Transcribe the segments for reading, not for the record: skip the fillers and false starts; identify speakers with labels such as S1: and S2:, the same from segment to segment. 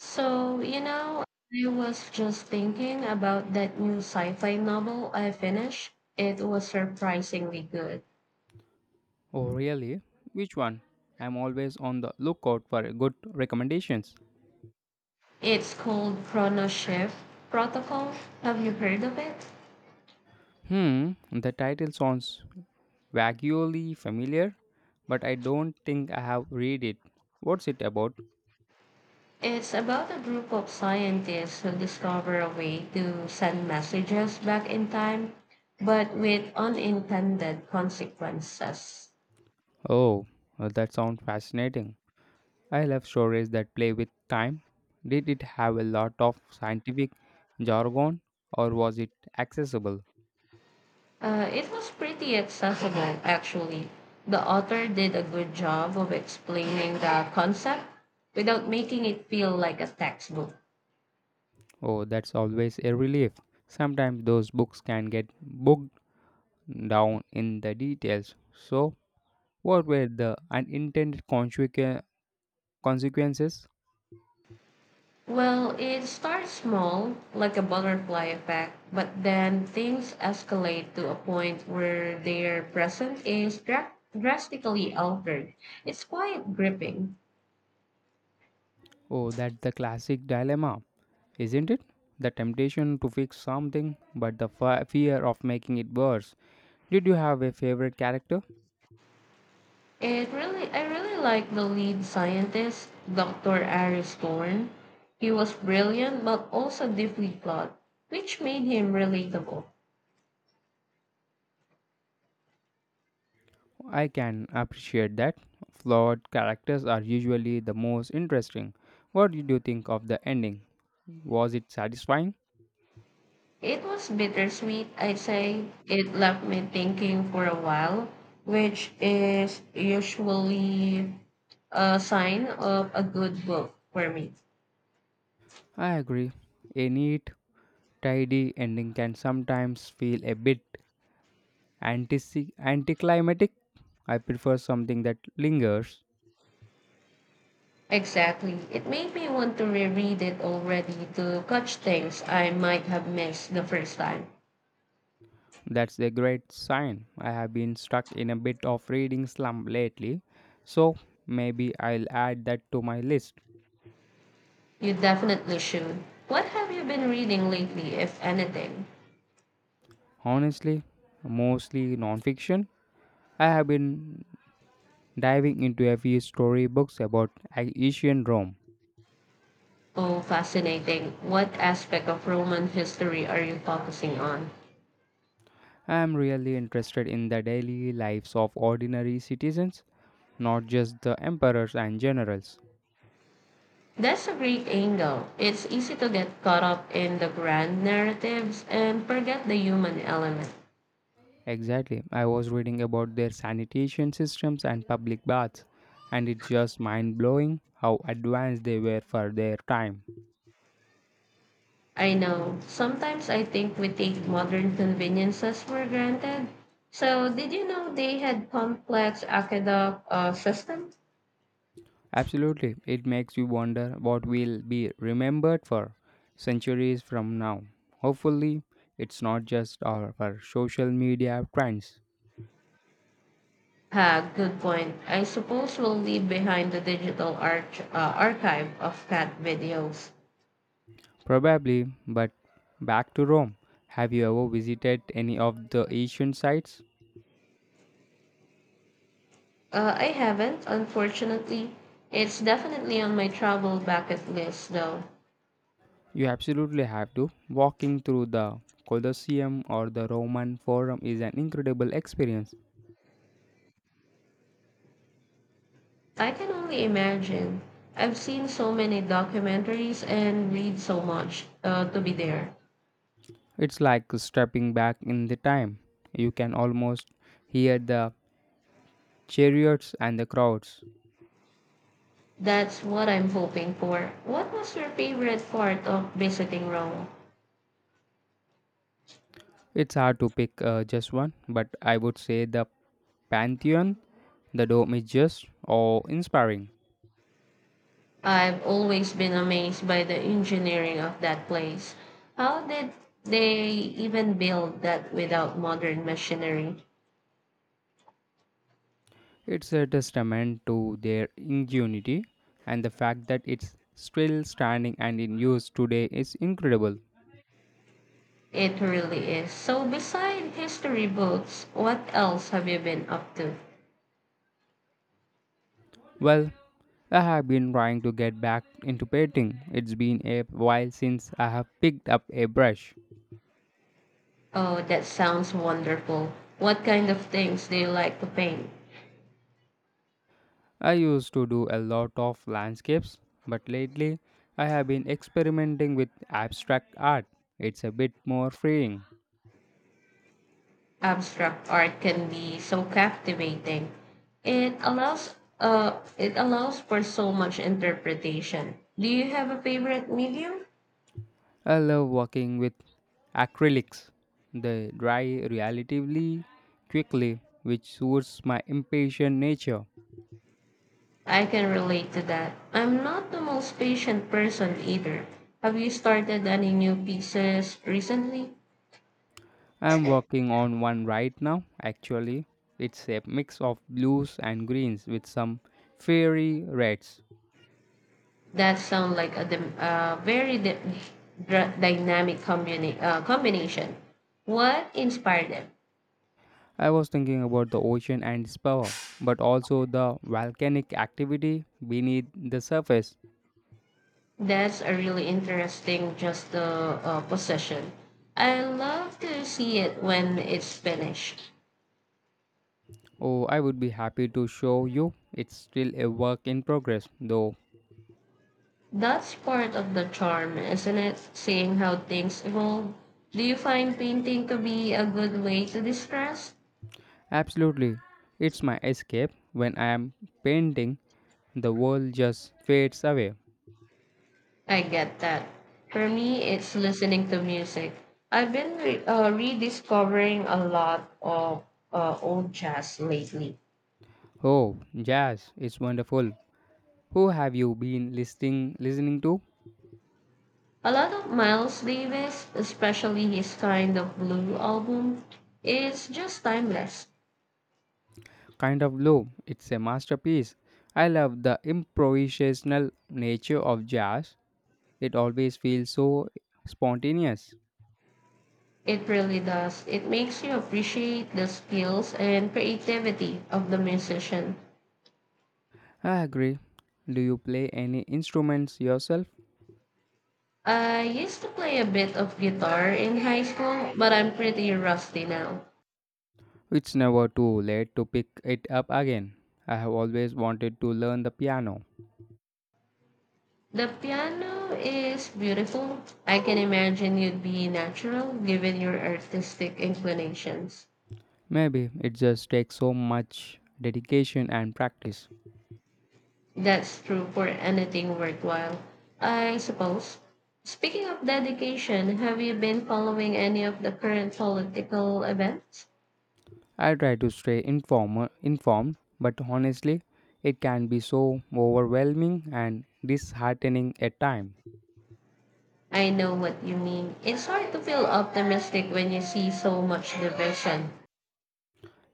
S1: So, I was just thinking about that new sci-fi novel I finished. It was surprisingly good.
S2: Oh, really? Which one? I'm always on the lookout for good recommendations.
S1: It's called Chrono Shift Protocol. Have you heard of it?
S2: The title sounds vaguely familiar, but I don't think I have read it. What's it about?
S1: It's about a group of scientists who discover a way to send messages back in time, but with unintended consequences.
S2: Oh, that sounds fascinating. I love stories that play with time. Did it have a lot of scientific jargon or was it accessible?
S1: It was pretty accessible, actually. The author did a good job of explaining the concept without making it feel like a textbook.
S2: Oh, that's always a relief. Sometimes those books can get bogged down in the details. So, what were the consequences?
S1: Well, it starts small, like a butterfly effect, but then things escalate to a point where their presence is drastically altered. It's quite gripping.
S2: Oh, that's the classic dilemma, isn't it? The temptation to fix something, but the fear of making it worse. Did you have a favorite character?
S1: I really like the lead scientist, Dr. Ari Thorne. He was brilliant but also deeply flawed, which made him relatable.
S2: I can appreciate that. Flawed characters are usually the most interesting. What did you think of the ending? Was it satisfying?
S1: It was bittersweet, I say. It left me thinking for a while, which is usually a sign of a good book for me.
S2: I agree. A neat, tidy ending can sometimes feel a bit anticlimactic. I prefer something that lingers.
S1: Exactly. It made me want to reread it already to catch things I might have missed the first time.
S2: That's a great sign. I have been stuck in a bit of reading slump lately, so maybe I'll add that to my list.
S1: You definitely should. What have you been reading lately, if anything?
S2: Honestly, mostly nonfiction. I have been diving into a few storybooks about ancient Rome.
S1: Oh, fascinating. What aspect of Roman history are you focusing on?
S2: I am really interested in the daily lives of ordinary citizens, not just the emperors and generals.
S1: That's a great angle. It's easy to get caught up in the grand narratives and forget the human element.
S2: Exactly. I was reading about their sanitation systems and public baths, and it's just mind blowing how advanced they were for their time.
S1: I know. Sometimes I think we take modern conveniences for granted. So, did you know they had complex aqueduct systems?
S2: Absolutely. It makes you wonder what will be remembered for centuries from now. Hopefully, it's not just our for social media trends.
S1: Ha, good point. I suppose we'll leave behind the digital archive of cat videos.
S2: Probably, but back to Rome. Have you ever visited any of the ancient sites?
S1: I haven't, unfortunately. It's definitely on my travel bucket list, though.
S2: You absolutely have to. Walking through the Colosseum or the Roman Forum is an incredible experience.
S1: I can only imagine. I've seen so many documentaries and read so much to be there.
S2: It's like stepping back in the time. You can almost hear the chariots and the crowds.
S1: That's what I'm hoping for. What was your favorite part of visiting Rome?
S2: It's hard to pick just one, but I would say the Pantheon, the Dome is just awe inspiring.
S1: I've always been amazed by the engineering of that place. How did they even build that without modern machinery?
S2: It's a testament to their ingenuity, and the fact that it's still standing and in use today is incredible.
S1: It really is. So, beside history books, what else have you been up to?
S2: Well, I have been trying to get back into painting. It's been a while since I have picked up a brush.
S1: Oh, that sounds wonderful. What kind of things do you like to paint?
S2: I used to do a lot of landscapes, but lately I have been experimenting with abstract art. It's a bit more freeing.
S1: Abstract art can be so captivating. It allows for so much interpretation. Do you have a favorite medium?
S2: I love working with acrylics. They dry relatively quickly, which suits my impatient nature.
S1: I can relate to that. I'm not the most patient person either. Have you started any new pieces recently?
S2: I'm working on one right now, actually. It's a mix of blues and greens with some fiery reds.
S1: That sound like a dynamic combination. What inspired them?
S2: I was thinking about the ocean and its power, but also the volcanic activity beneath the surface.
S1: That's a really interesting just the possession. I love to see it when it's finished.
S2: Oh, I would be happy to show you. It's still a work in progress, though.
S1: That's part of the charm, isn't it? Seeing how things evolve. Do you find painting to be a good way to distress?
S2: Absolutely. It's my escape. When I am painting, the world just fades away.
S1: I get that. For me, it's listening to music. I've been rediscovering a lot of old jazz lately.
S2: Oh, jazz is wonderful. Who have you been listening to?
S1: A lot of Miles Davis, especially his kind of blue album, is just timeless.
S2: Kind of loop. It's a masterpiece. I love the improvisational nature of jazz. It always feels so spontaneous.
S1: It really does. It makes you appreciate the skills and creativity of the musician.
S2: I agree. Do you play any instruments yourself?
S1: I used to play a bit of guitar in high school, but I'm pretty rusty now.
S2: It's never too late to pick it up again. I have always wanted to learn the piano.
S1: The piano is beautiful. I can imagine you'd be natural given your artistic inclinations.
S2: Maybe it just takes so much dedication and practice.
S1: That's true for anything worthwhile, I suppose. Speaking of dedication, have you been following any of the current political events?
S2: I try to informed, but honestly, it can be so overwhelming and disheartening at times.
S1: I know what you mean. It's hard to feel optimistic when you see so much division.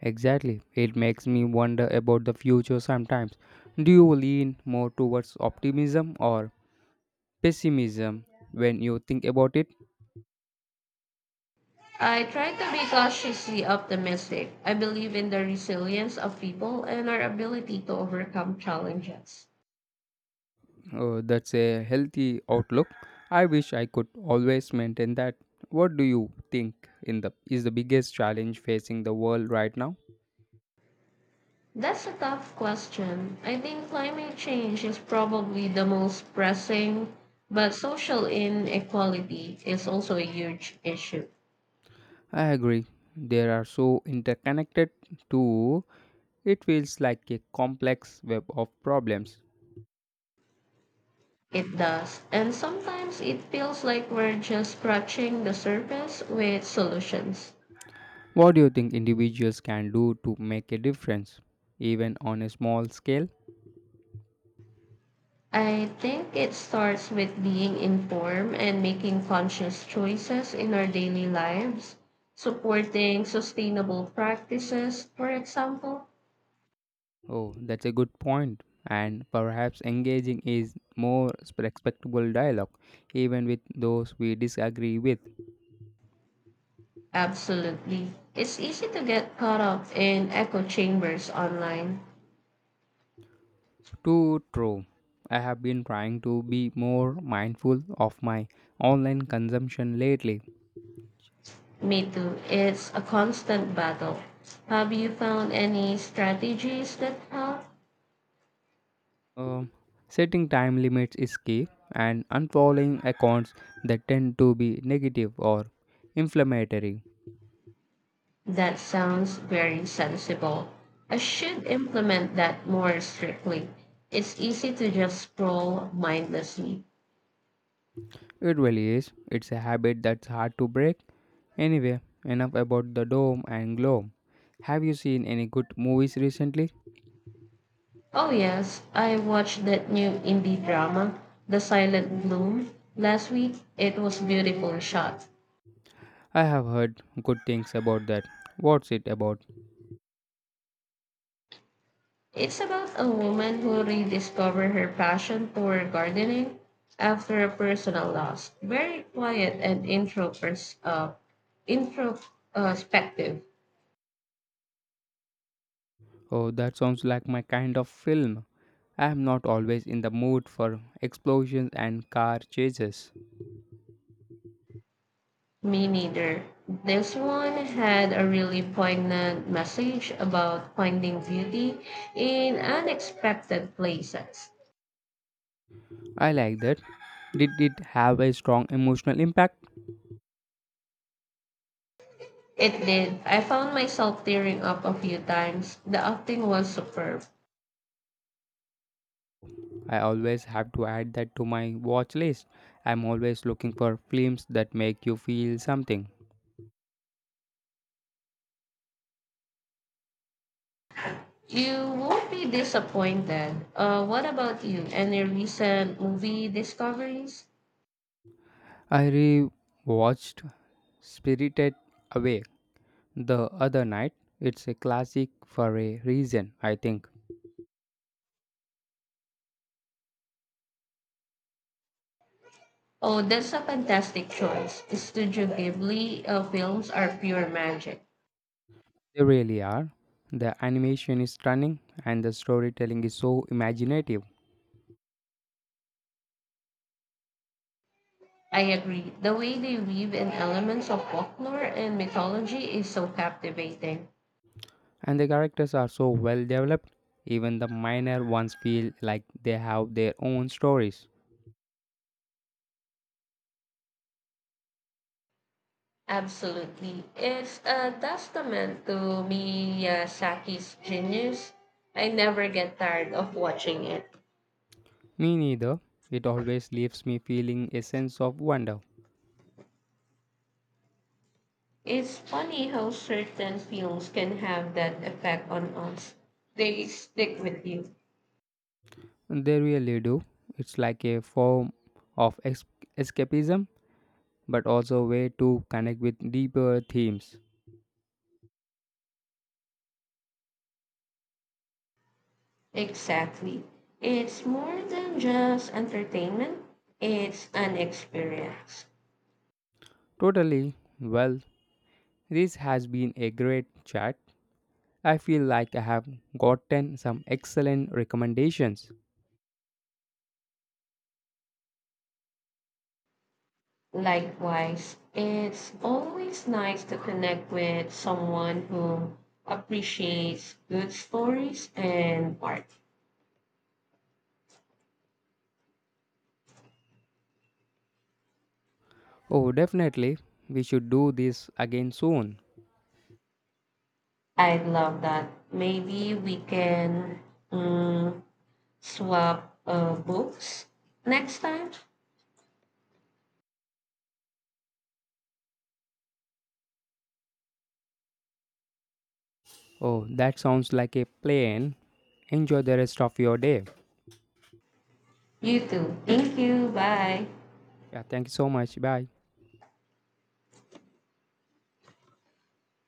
S2: Exactly. It makes me wonder about the future sometimes. Do you lean more towards optimism or pessimism when you think about it?
S1: I try to be cautiously optimistic. I believe in the resilience of people and our ability to overcome challenges.
S2: That's a healthy outlook. I wish I could always maintain that. What do you think in the is the biggest challenge facing the world right now?
S1: That's a tough question. I think climate change is probably the most pressing, but social inequality is also a huge issue.
S2: I agree. They are so interconnected too. It feels like a complex web of problems.
S1: It does. And sometimes it feels like we're just scratching the surface with solutions.
S2: What do you think individuals can do to make a difference, even on a small scale?
S1: I think it starts with being informed and making conscious choices in our daily lives, supporting sustainable practices, for example.
S2: Oh, that's a good point. And perhaps engaging is more respectable dialogue, even with those we disagree with.
S1: Absolutely. It's easy to get caught up in echo chambers online.
S2: Too true. I have been trying to be more mindful of my online consumption lately.
S1: Me too. It's a constant battle. Have you found any strategies that help?
S2: Um, Setting time limits is key, and unfollowing accounts that tend to be negative or inflammatory.
S1: That sounds very sensible. I should implement that more strictly. It's easy to just scroll mindlessly.
S2: It really is. It's a habit that's hard to break. Anyway, enough about the doom and gloom. Have you seen any good movies recently?
S1: Oh, yes, I watched that new indie drama, The Silent Bloom, last week. It was beautifully shot.
S2: I have heard good things about that. What's it about?
S1: It's about a woman who rediscovers her passion for gardening after a personal loss. Very quiet and introspective.
S2: Oh, that sounds like my kind of film. I am not always in the mood for explosions and car chases.
S1: Me neither. This one had a really poignant message about finding beauty in unexpected places.
S2: I like that. Did it have a strong emotional impact?
S1: It did. I found myself tearing up a few times. The acting was superb.
S2: I always have to add that to my watch list. I'm always looking for films that make you feel something.
S1: You won't be disappointed. What about you? Any recent movie discoveries?
S2: I rewatched Spirited Away the other night. It's a classic for a reason, I think.
S1: Oh, that's a fantastic choice. Studio Ghibli films are pure magic.
S2: They really are. The animation is stunning and the storytelling is so imaginative,
S1: I agree. The way they weave in elements of folklore and mythology is so captivating.
S2: and the characters are so well developed. Even the minor ones feel like they have their own stories.
S1: Absolutely. It's a testament to Miyazaki's genius. I never get tired of watching it.
S2: Me neither. It always leaves me feeling a sense of wonder.
S1: It's funny how certain films can have that effect on us. They stick with you.
S2: They really do. It's like a form of escapism, but also a way to connect with deeper themes.
S1: Exactly. It's more than just entertainment, it's an experience.
S2: Totally. Well, this has been a great chat. I feel like I have gotten some excellent recommendations.
S1: Likewise, it's always nice to connect with someone who appreciates good stories and art.
S2: Oh, definitely. We should do this again soon.
S1: I love that. Maybe we can mm, swap books next time.
S2: Oh, that sounds like a plan. Enjoy the rest of your day.
S1: You too. Thank you. Bye.
S2: Yeah, thank you so much. Bye.